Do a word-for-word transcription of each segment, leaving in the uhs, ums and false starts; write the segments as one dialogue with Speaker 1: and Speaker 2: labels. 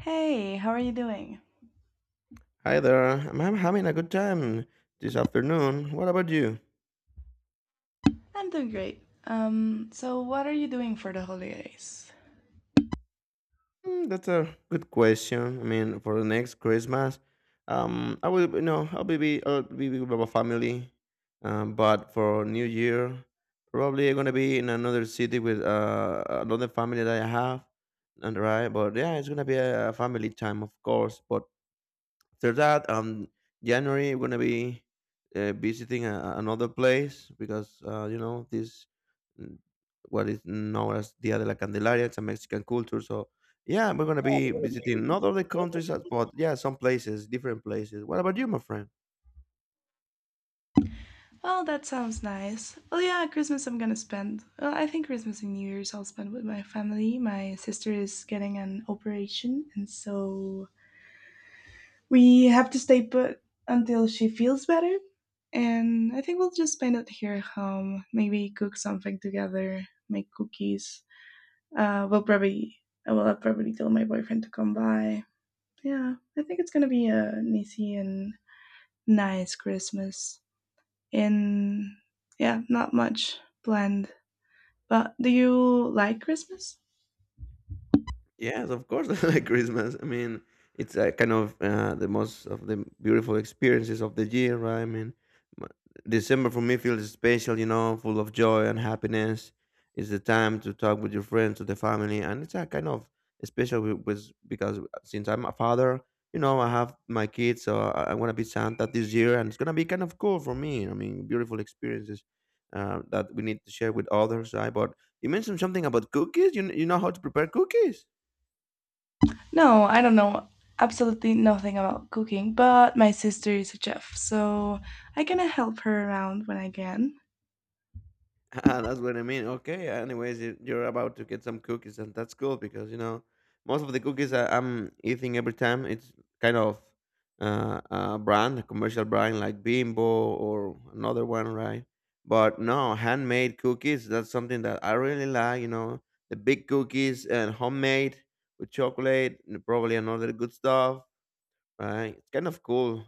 Speaker 1: Hey, how are you doing?
Speaker 2: Hi there. I'm I'm having a good time this afternoon. What about you?
Speaker 1: I'm doing great. Um, so what are you doing for the holidays?
Speaker 2: Hmm, that's a good question. I mean, for the next Christmas, um, I will, you know, I'll be, be- I'll be with my family. Um, but for New Year, probably I'm gonna be in another city with uh, another family that I have, and right. But yeah, it's gonna be a family time, of course. But after that, um, January we're gonna be uh, visiting a, another place because uh, you know this mm, what is known as Dia de la Candelaria. It's a Mexican culture, so yeah, we're gonna be visiting not all the countries, but yeah, some places, different places. What about you, my friend?
Speaker 1: Oh, that sounds nice. Well, yeah, Christmas I'm gonna spend. Well, I think Christmas and New Year's I'll spend with my family. My sister is getting an operation, and so we have to stay put until she feels better. And I think we'll just spend it here at home. Maybe cook something together, make cookies. Uh, we'll probably, well, I'll probably tell my boyfriend to come by, yeah, I think it's gonna be a an easy and nice Christmas. And yeah, not much planned. But do you like Christmas?
Speaker 2: Yes, of course, I like Christmas. I mean, it's uh, kind of uh, the most of the beautiful experiences of the year, right? I mean, m- December for me feels special, you know, full of joy and happiness. It's the time to talk with your friends, with the family, and it's a kind of special with, with because since I'm a father, you know, I have my kids, so I, I'm gonna be Santa this year, and it's gonna be kind of cool for me. I mean, beautiful experiences uh, that we need to share with others, right? But you mentioned something about cookies. You kn- you know how to prepare cookies?
Speaker 1: No, I don't know absolutely nothing about cooking, but my sister is a chef, so I kind of help her around when I can.
Speaker 2: Ah, that's what I mean. Okay. Anyways, you- you're about to get some cookies, and that's cool because you know most of the cookies I, I'm eating every time it's kind of uh, a brand, a commercial brand like Bimbo or another one, right? But no, handmade cookies. That's something that I really like. You know, the big cookies and homemade with chocolate, and probably another good stuff, right? It's kind of cool.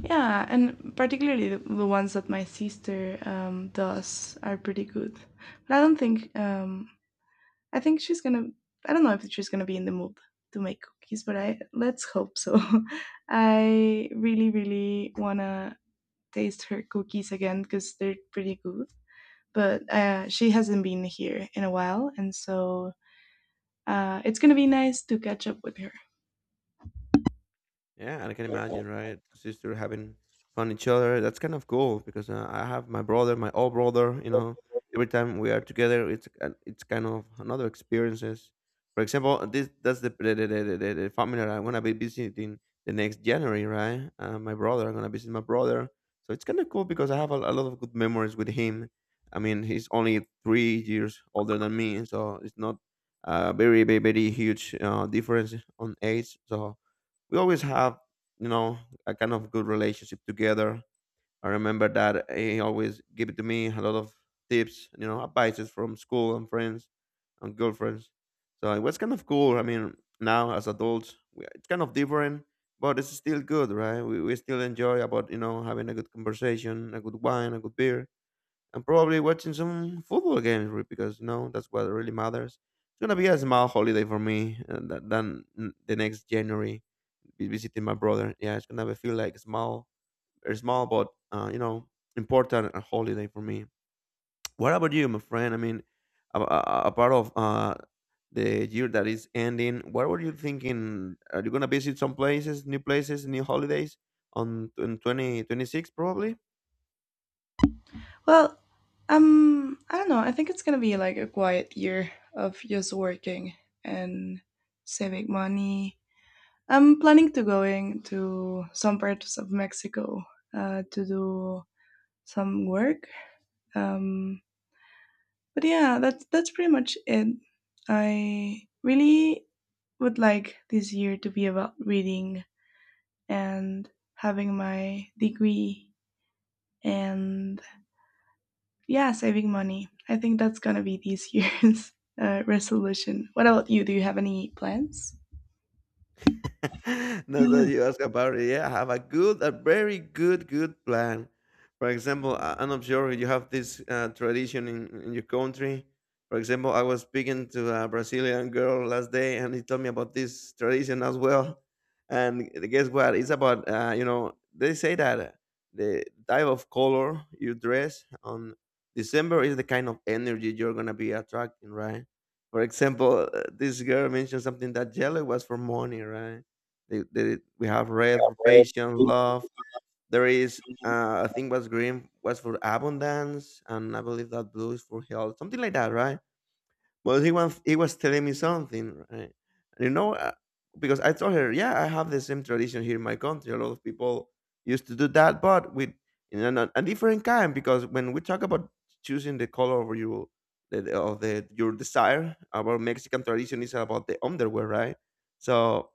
Speaker 1: Yeah, and particularly the, the ones that my sister um, does are pretty good. But I don't think um, I think she's gonna. I don't know if she's gonna be in the mood to make cookies, but I let's hope so. I really, really wanna taste her cookies again because they're pretty good. But uh, she hasn't been here in a while, and so uh, it's gonna be nice to catch up with her.
Speaker 2: Yeah, I can imagine, right? Sister having fun each other. That's kind of cool because uh, I have my brother, my old brother. You know, every time we are together, it's uh, it's kind of another experiences. For example, uh, this that's the the, the, the, the the family that I'm gonna be visiting the next January, right? Uh, my brother, I'm gonna visit my brother. So it's kind of cool because I have a, a lot of good memories with him. I mean, he's only three years older than me, so it's not a very, very, very huge uh, difference on age. So we always have you know a kind of good relationship together. I remember that he always give it to me a lot of tips, you know advices from school and friends and girlfriends, so it was kind of cool. I mean, now as adults, we, it's kind of different, but it's still good, right? We, we still enjoy about you know having a good conversation, a good wine, a good beer, and probably watching some football games, re- because you know that's what really matters. It's gonna be a small holiday for me, uh, th- than mm, the next January, be visiting my brother. Yeah, it's gonna be feel like small, or small, but uh, you know, important and holiday for me. What about you, my friend? I mean, a, a, a part of uh, the year that is ending. What were you thinking? Are you gonna visit some places, new places, new holidays on in twenty twenty six probably?
Speaker 1: Well, um, I don't know. I think it's gonna be like a quiet year of just working and saving money. I'm planning to going to some parts of Mexico uh, to do some work. Um, but yeah, that's that's pretty much it. I really would like this year to be about reading and having my degree and yeah, saving money. I think that's gonna be this year's uh, resolution. What about you? Do you have any plans?
Speaker 2: Now that
Speaker 1: Yeah.
Speaker 2: you ask about it, yeah, I have a good, a very good, good plan. For example, I- I'm not sure you have this uh, tradition in, in your country. For example, I was speaking to a Brazilian girl last day, and he told me about this tradition as well. And guess what? It's about uh, you know they say that uh, the type of color you dress on December is the kind of energy you're gonna be attracting, right? For example, uh, this girl mentioned something that yellow was for money, right? They, they, we have red for patience, love. There is, uh, I think, what's green was for abundance, and I believe that blue is for health, something like that, right? But he was he was telling me something, right? You know, uh, because I told her, yeah, I have the same tradition here in my country. A lot of people used to do that, but with in a, a different kind. Because when we talk about choosing the color of your the, the- of the your desire, our Mexican tradition is about the underwear, right? So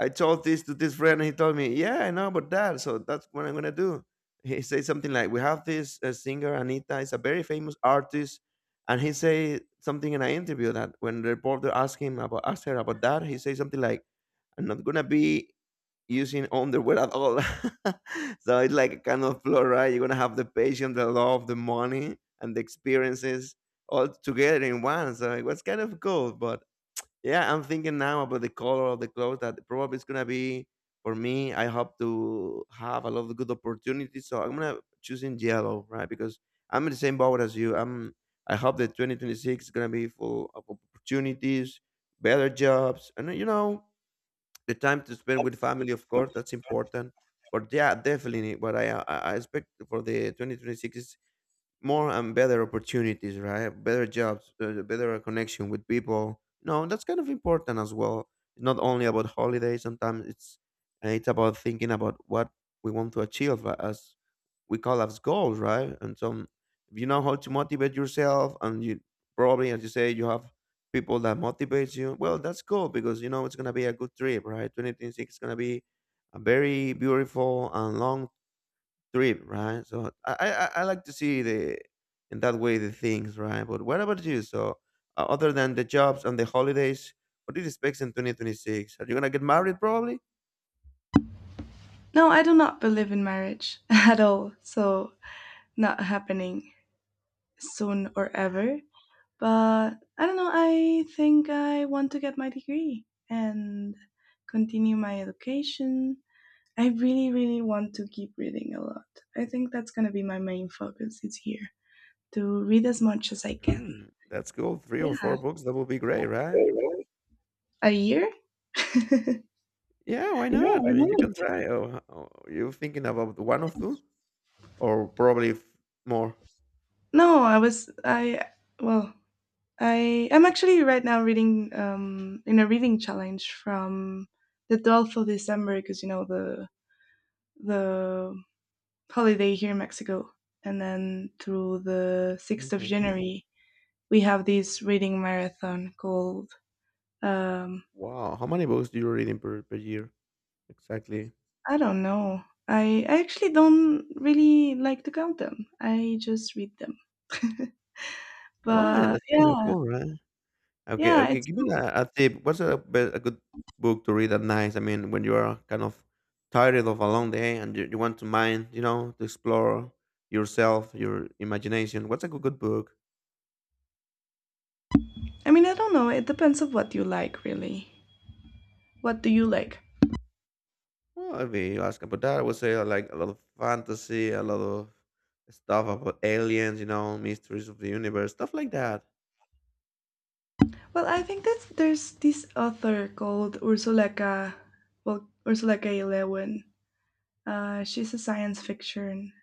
Speaker 2: I told this to this friend, and he told me, "Yeah, I know about that. So that's what I'm gonna do." He said something like, "We have this uh, singer Anita. Is a very famous artist, and he said something in an interview that when the reporter asked him about asked her about that, he said something like, "I'm not gonna be using underwear at all." So it's like a kind of flow, right? You're gonna have the passion, the love, the money, and the experiences all together in one. So it was kind of cool, but yeah, I'm thinking now about the color of the clothes that probably it's gonna be for me. I hope to have a lot of good opportunities, so I'm gonna choosing yellow, right? Because I'm in the same boat as you. I'm. I hope that twenty twenty-six is gonna be full of opportunities, better jobs, and you know the time to spend with family. Of course, that's important. But yeah, definitely, what I I I expect for the twenty twenty-six is more and better opportunities, right? Better jobs, uh, better connection with people. No, that's kind of important as well. Not only about holidays. Sometimes it's uh, it's about thinking about what we want to achieve uh, as we call as goals, right? And so if you know how to motivate yourself, and you probably, as you say, you have people that motivates you. Well, that's cool because you know it's gonna be a good trip, right? Twenty twenty six is gonna be a very beautiful and long trip, right? So I, I, I like to see the in that way the things, right? But what about you? So uh, other than the jobs and the holidays, what do you expect in twenty twenty-six? Are you gonna get married probably?
Speaker 1: No, I do not believe in marriage at all. So not happening soon or ever. But I don't know. I think I want to get my degree and continue my education. I really, really want to keep reading a lot. I think that's going to be my main focus this year to read as much as I can.
Speaker 2: Mm, that's cool. Three or
Speaker 1: Yeah,
Speaker 2: four books, that would be great, right?
Speaker 1: a year?
Speaker 2: Yeah, why
Speaker 1: Yeah,
Speaker 2: not?
Speaker 1: I
Speaker 2: I mean,
Speaker 1: know.
Speaker 2: you can try. Oh, oh, you thinking about one of two, or probably f- more?
Speaker 1: No, I was I well, I am actually right now reading um, in a reading challenge from the twelfth of December because you know the the holiday here in Mexico, and then through the 6th of
Speaker 2: Hmm.
Speaker 1: January we have this reading marathon called um,
Speaker 2: Wow, how many books do you read in per, per year exactly?
Speaker 1: I don't know. I I actually don't really like to count them. I just read them.
Speaker 2: Why?
Speaker 1: But
Speaker 2: That's kind of
Speaker 1: yeah,
Speaker 2: cool, right? Okay,
Speaker 1: yeah,
Speaker 2: okay.
Speaker 1: it's
Speaker 2: Give me
Speaker 1: cool.
Speaker 2: a, a tip. What's a, be- a good book to read at night? I mean, when you are kind of tired of a long day and you, you want to mind, you know, to explore yourself, your imagination. What's a good, good book?
Speaker 1: I mean, I don't know. It depends of what you like, really. What do you like?
Speaker 2: Well, if you ask about that, I would say I like a lot of fantasy, a lot of stuff about aliens, you know, mysteries of the universe, stuff like that.
Speaker 1: Well, I think that there's this author called Ursula K. Well, Ursula K. Le Guin. Uh, she's a science fiction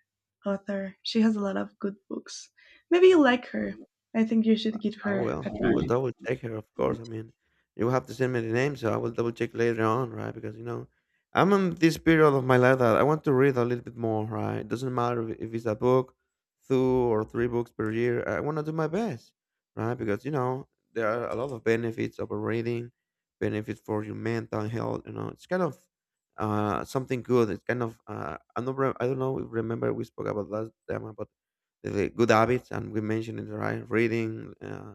Speaker 1: author. She has a lot of good books. Maybe you like her. I think you should give
Speaker 2: I
Speaker 1: her a
Speaker 2: will.
Speaker 1: try.
Speaker 2: I will double check her, of course. I mean, you have to send me the name, so I will double check later on, right? Because you know, I'm in this period of my life that I want to read a little bit more, right? It doesn't matter if if it's a book, two or three books per year. I want to do my best, right? Because you know, there are a lot of benefits of reading, benefits for your mental health. You know, it's kind of uh something good. It's kind of uh I don't re- I don't know. Remember we spoke about last time about the good habits, and we mentioned it right, reading, uh,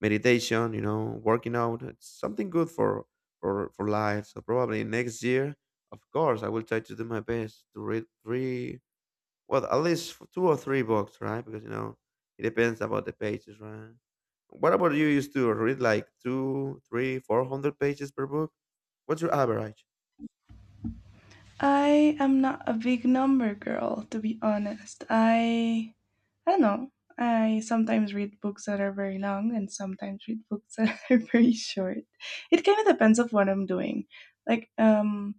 Speaker 2: meditation, you know, working out. It's something good for for for life. So probably next year, of course, I will try to do my best to read three, well, at least f- two or three books, right? Because you know, it depends about the pages, right? What about you? Used to read like two, three, four hundred pages per book. What's your average?
Speaker 1: I am not a big number girl, to be honest. I I don't know. I sometimes read books that are very long and sometimes read books that are very short. It kind of depends on what I'm doing. Like um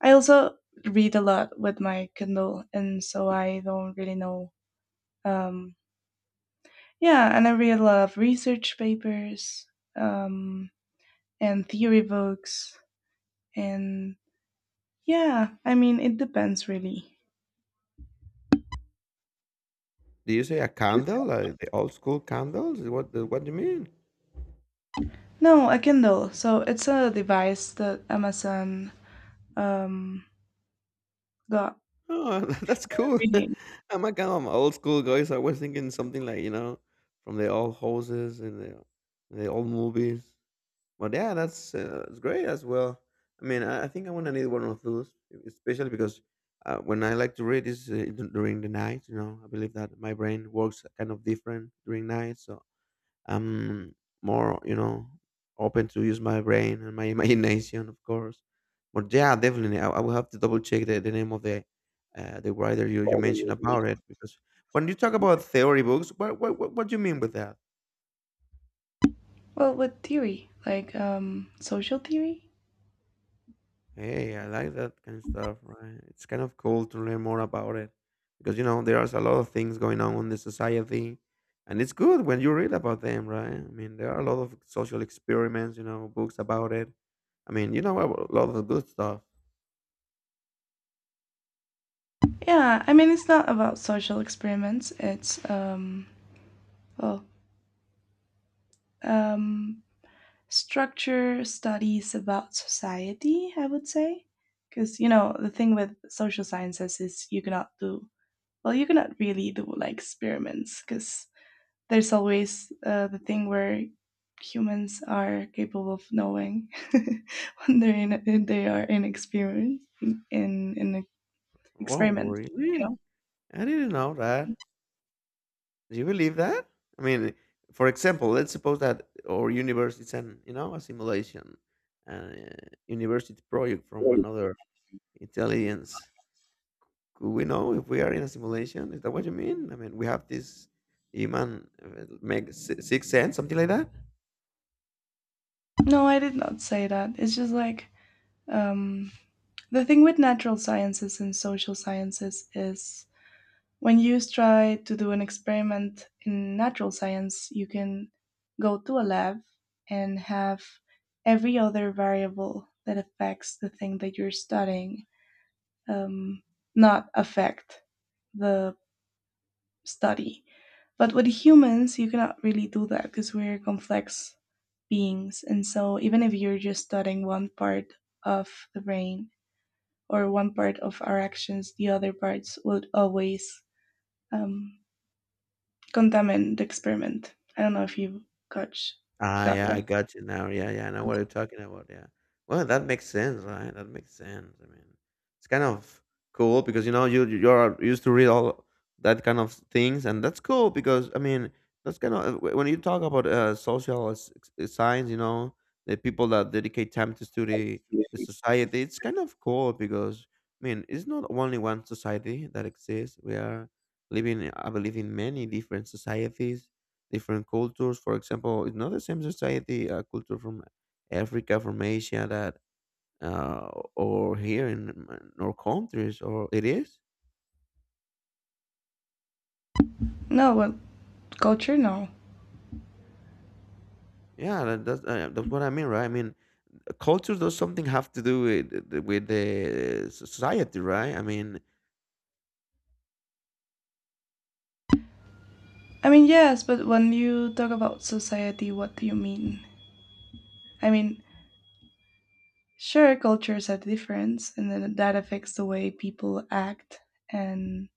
Speaker 1: I also read a lot with my Kindle, and so I don't really know. Um, yeah, and I read a lot of research papers um, and theory books, and yeah, I mean, it depends really.
Speaker 2: Do you say a candle, like the old school candles? What what do you mean?
Speaker 1: No, a Kindle. So it's a device that Amazon um, got
Speaker 2: Oh, that's cool.
Speaker 1: reading.
Speaker 2: I'm god, I'm old school guy, so I was thinking something like, you know, from the old houses and the, the old movies. But yeah, that's uh, it's great as well. I mean, I, I think I want to need one of those, e, especially because uh, when I like to read is uh, d- during the night. You know, I believe that my brain works kind of different during night, so I'm more, you know, open to use my brain and my imagination, of course. But yeah, definitely, I, I will have to double check the, the name of the uh, the writer you, you mentioned about it because when you talk about theory books, what what what, what do you mean with that?
Speaker 1: Well, with theory, like um, social theory.
Speaker 2: Hey, I like that kind of stuff. Right, it's kind of cool to learn more about it because you know there's a lot of things going on in the society, and it's good when you read about them, right? I mean, there are a lot of social experiments, you know, books about it. I mean, you know, a lot of good stuff.
Speaker 1: Yeah, I mean, it's not about social experiments. It's um, well, um, structure studies about society, I would say. Because, you know, the thing with social sciences is you cannot do, well, you cannot really do like experiments because there's always uh, the thing where humans are capable of knowing when they're in, when they are in experiment, in, in an
Speaker 2: Oh
Speaker 1: experiment,
Speaker 2: really?
Speaker 1: you
Speaker 2: I didn't know that. Do you believe that? I mean, for example, let's suppose that our universe is an, you know, a simulation, a university project
Speaker 1: know?
Speaker 2: from
Speaker 1: Right.
Speaker 2: another intelligence. Could we know if we are in a simulation? Is that what you mean? I mean, we have this human uh, make si- sixth sense, something like that.
Speaker 1: No, I did not say that. It's just like, um, the thing with natural sciences and social sciences is when you try to do an experiment in natural science, you can go to a lab and have every other variable that affects the thing that you're studying um, not affect the study. But with humans, you cannot really do that because we're complex beings. And so, even if you're just studying one part of the brain or one part of our actions, the other parts would always um, Contamen, the experiment. I don't know if you got
Speaker 2: Ah,
Speaker 1: got
Speaker 2: yeah, I
Speaker 1: one.
Speaker 2: got you now. Yeah, yeah, I know what you're talking about. Yeah. Well, that makes sense, right? That makes sense. I mean, it's kind of cool because you know you you're used to read all that kind of things, and that's cool because I mean that's kind of wh- when you talk about uh, social s- s- science, you know, the people that dedicate time to study the society. It's kind of cool because I mean it's not only one society that exists. We are living, I believe, in many different societies different cultures. For example, it's not the same society, a culture from Africa, from Asia, that uh, or here in m- our countries, or it is.
Speaker 1: No, well, culture, no.
Speaker 2: Yeah, that, that's uh, that's what I mean, right? I mean, culture does something have to do with with the society, right? I mean,
Speaker 1: I mean, yes, but when you talk about society, what do you mean? I mean, sure, cultures are different, and then that affects the way people act and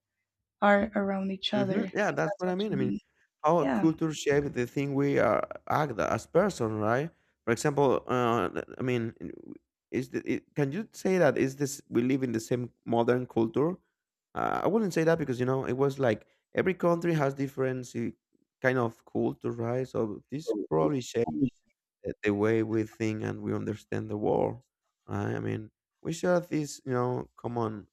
Speaker 1: are around each other,
Speaker 2: mhm. Yeah,
Speaker 1: if
Speaker 2: that's
Speaker 1: that's
Speaker 2: what
Speaker 1: what
Speaker 2: I mean.
Speaker 1: you
Speaker 2: I mean,
Speaker 1: mean.
Speaker 2: how
Speaker 1: Yeah.
Speaker 2: culture shape the thing we are act as person, right? For example, uh, th- I mean, in- w- is the, it, can you say that is this we live in the same modern culture? Uh, I wouldn't say that because you know it was like every country has different eh, kind of culture, right? So this probably shaped the the way we think and we understand the world, right? I mean, we share this, you know, common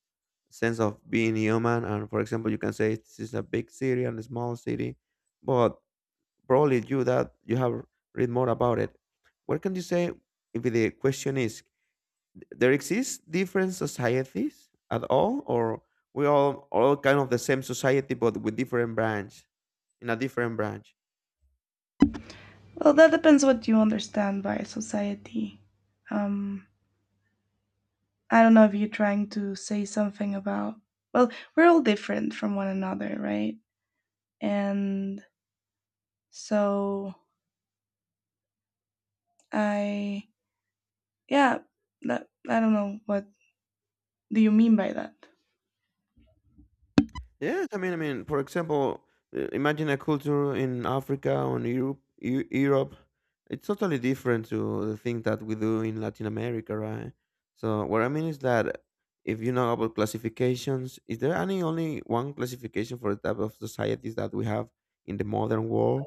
Speaker 2: sense of being human. And for example, you can say this is a big city and a small city, but probably you that you have read more about it. What can you say if the question is there exists different societies at all, or we all all kind of the same society but with different branch in a different branch?
Speaker 1: Well, that depends what you understand by society. Um, I don't know if you're trying to say something about, well, we're all different from one another, right? And so I, yeah, that, I don't know what do you mean by that?
Speaker 2: Yes, I mean, I mean, for example, uh, imagine a culture in Africa or in Europe. Eu- Europe, it's totally different to the thing that we do in Latin America, right? So what I mean is that if you know about classifications, is there any only one classification for the type of societies that we have in the modern world?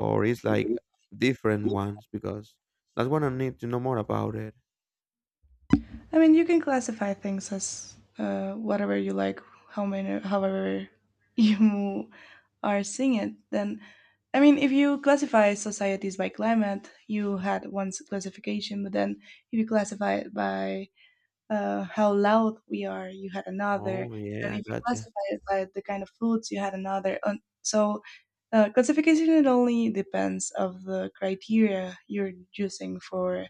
Speaker 2: Or it's like different ones because that's what I need to know more about it.
Speaker 1: I mean, you can classify things as uh, whatever you like, how many, however you are seeing it. Then, I mean, if you classify societies by climate, you had one s- classification, but then if you classify it by uh, how loud we are, you had another.
Speaker 2: Oh
Speaker 1: Then if
Speaker 2: yeah,
Speaker 1: you
Speaker 2: gotcha.
Speaker 1: classify it by the kind of foods, you had another. And so uh, classification it only depends of the criteria you're using for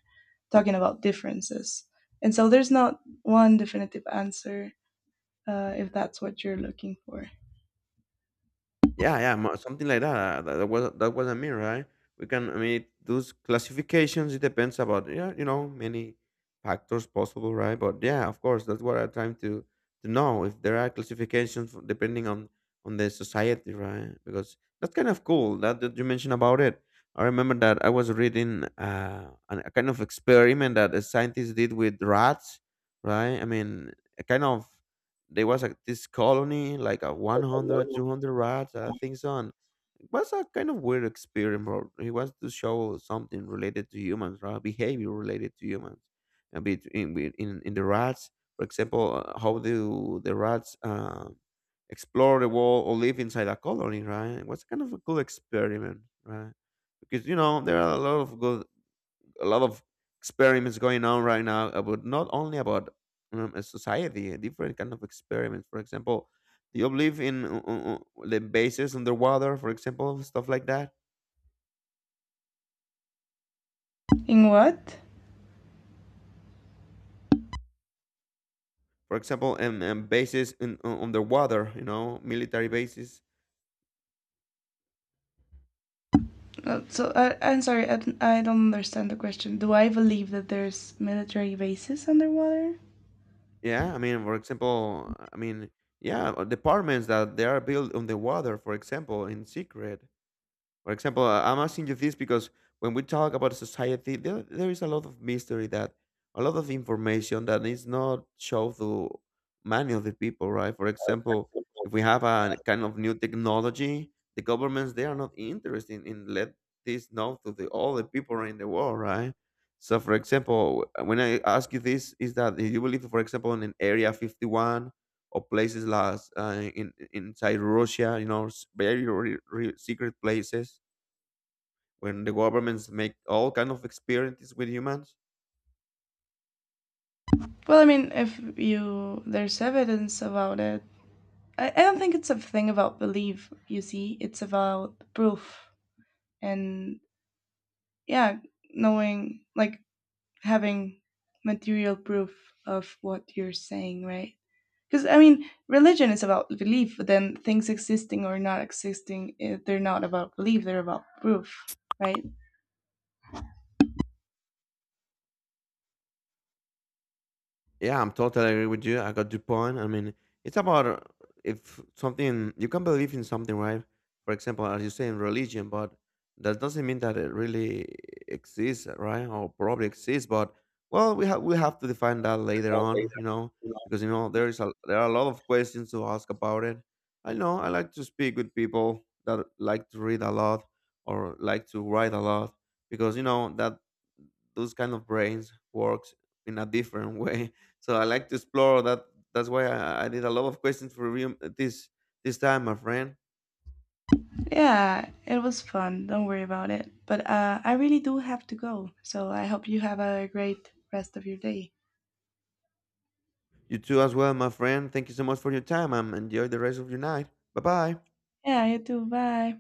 Speaker 1: talking about differences. And so there's not one definitive answer uh, if that's what you're looking for.
Speaker 2: Yeah, yeah, mo something like that, that that was that was I mean, right? We can I mean, those classifications, it depends about, yeah, you know, many factors possible, right? But yeah, of course, that's what I'm trying to to know if there are classifications for- depending on on the society, right? Because that's kind of cool that, that you mentioned about it. I remember that I was reading uh, an- a kind of experiment that a scientist did with rats, right? I mean, a kind of there was a, this colony like a one hundred, two hundred rats I think so, and it was a kind of weird experiment bro. He wants to show something related to humans, right, behavior related to humans and between with- in, in the rats. For example, uh, how do the rats um, explore the world or live inside a colony, right? It was kind of a cool experiment, right? Because you know there are a lot of good, a lot of experiments going on right now about not only about um, a society, a different kind of experiments. For example, do you believe in uh, uh, uh, the bases underwater? For example, stuff like that.
Speaker 1: In what?
Speaker 2: For example, and, and bases in uh, underwater. You know, military bases.
Speaker 1: Uh, So I, I'm sorry, I, don't- I don't understand the question. Do I believe that there's military bases underwater?
Speaker 2: Yeah, I mean, for example, I mean, yeah, uh, departments that they are built on the water. For example, in secret. For example, uh, I'm asking you this because when we talk about society, there, there is a lot of mystery that a lot of information that is not shown to many of the people, right? For example, if we have a kind of new technology, the governments they are not interested in let this know to the all the people in the world, right? So, for example, when I ask you this, is that do you believe, for example, in Area fifty-one or places like uh, in inside Russia, you know, s- very re- re- secret places when the governments make all kind of experiences with humans.
Speaker 1: Well, I mean, if you there's evidence about it, I, I don't think it's a thing about belief, you see. It's about proof. And yeah, knowing, like, having material proof of what you're saying, right? Because, I mean, religion is about belief, but then things existing or not existing, eh, they're not about belief, they're about proof, right?
Speaker 2: Yeah, I'm totally agree with you. I got your point. I mean, it's about uh, if something you can believe in something, right? For example, as you say in religion, but that doesn't mean that it really exists, right? Or probably exists, but well, we have we have to define that later on, you know, because you know there is a there are a lot of questions to ask about it. I know I like to speak with people that like to read a lot or like to write a lot because you know that those kind of brains works in a different way, so I like to explore that. That's why I, I did a lot of questions for you this this time, my friend.
Speaker 1: Yeah, it was fun. Don't worry about it. But uh, I really do have to go. So I hope you have a great rest of your day.
Speaker 2: You too as well, my friend. Thank you so much for your time and enjoy the rest of your night. Bye bye.
Speaker 1: Yeah, you too. Bye.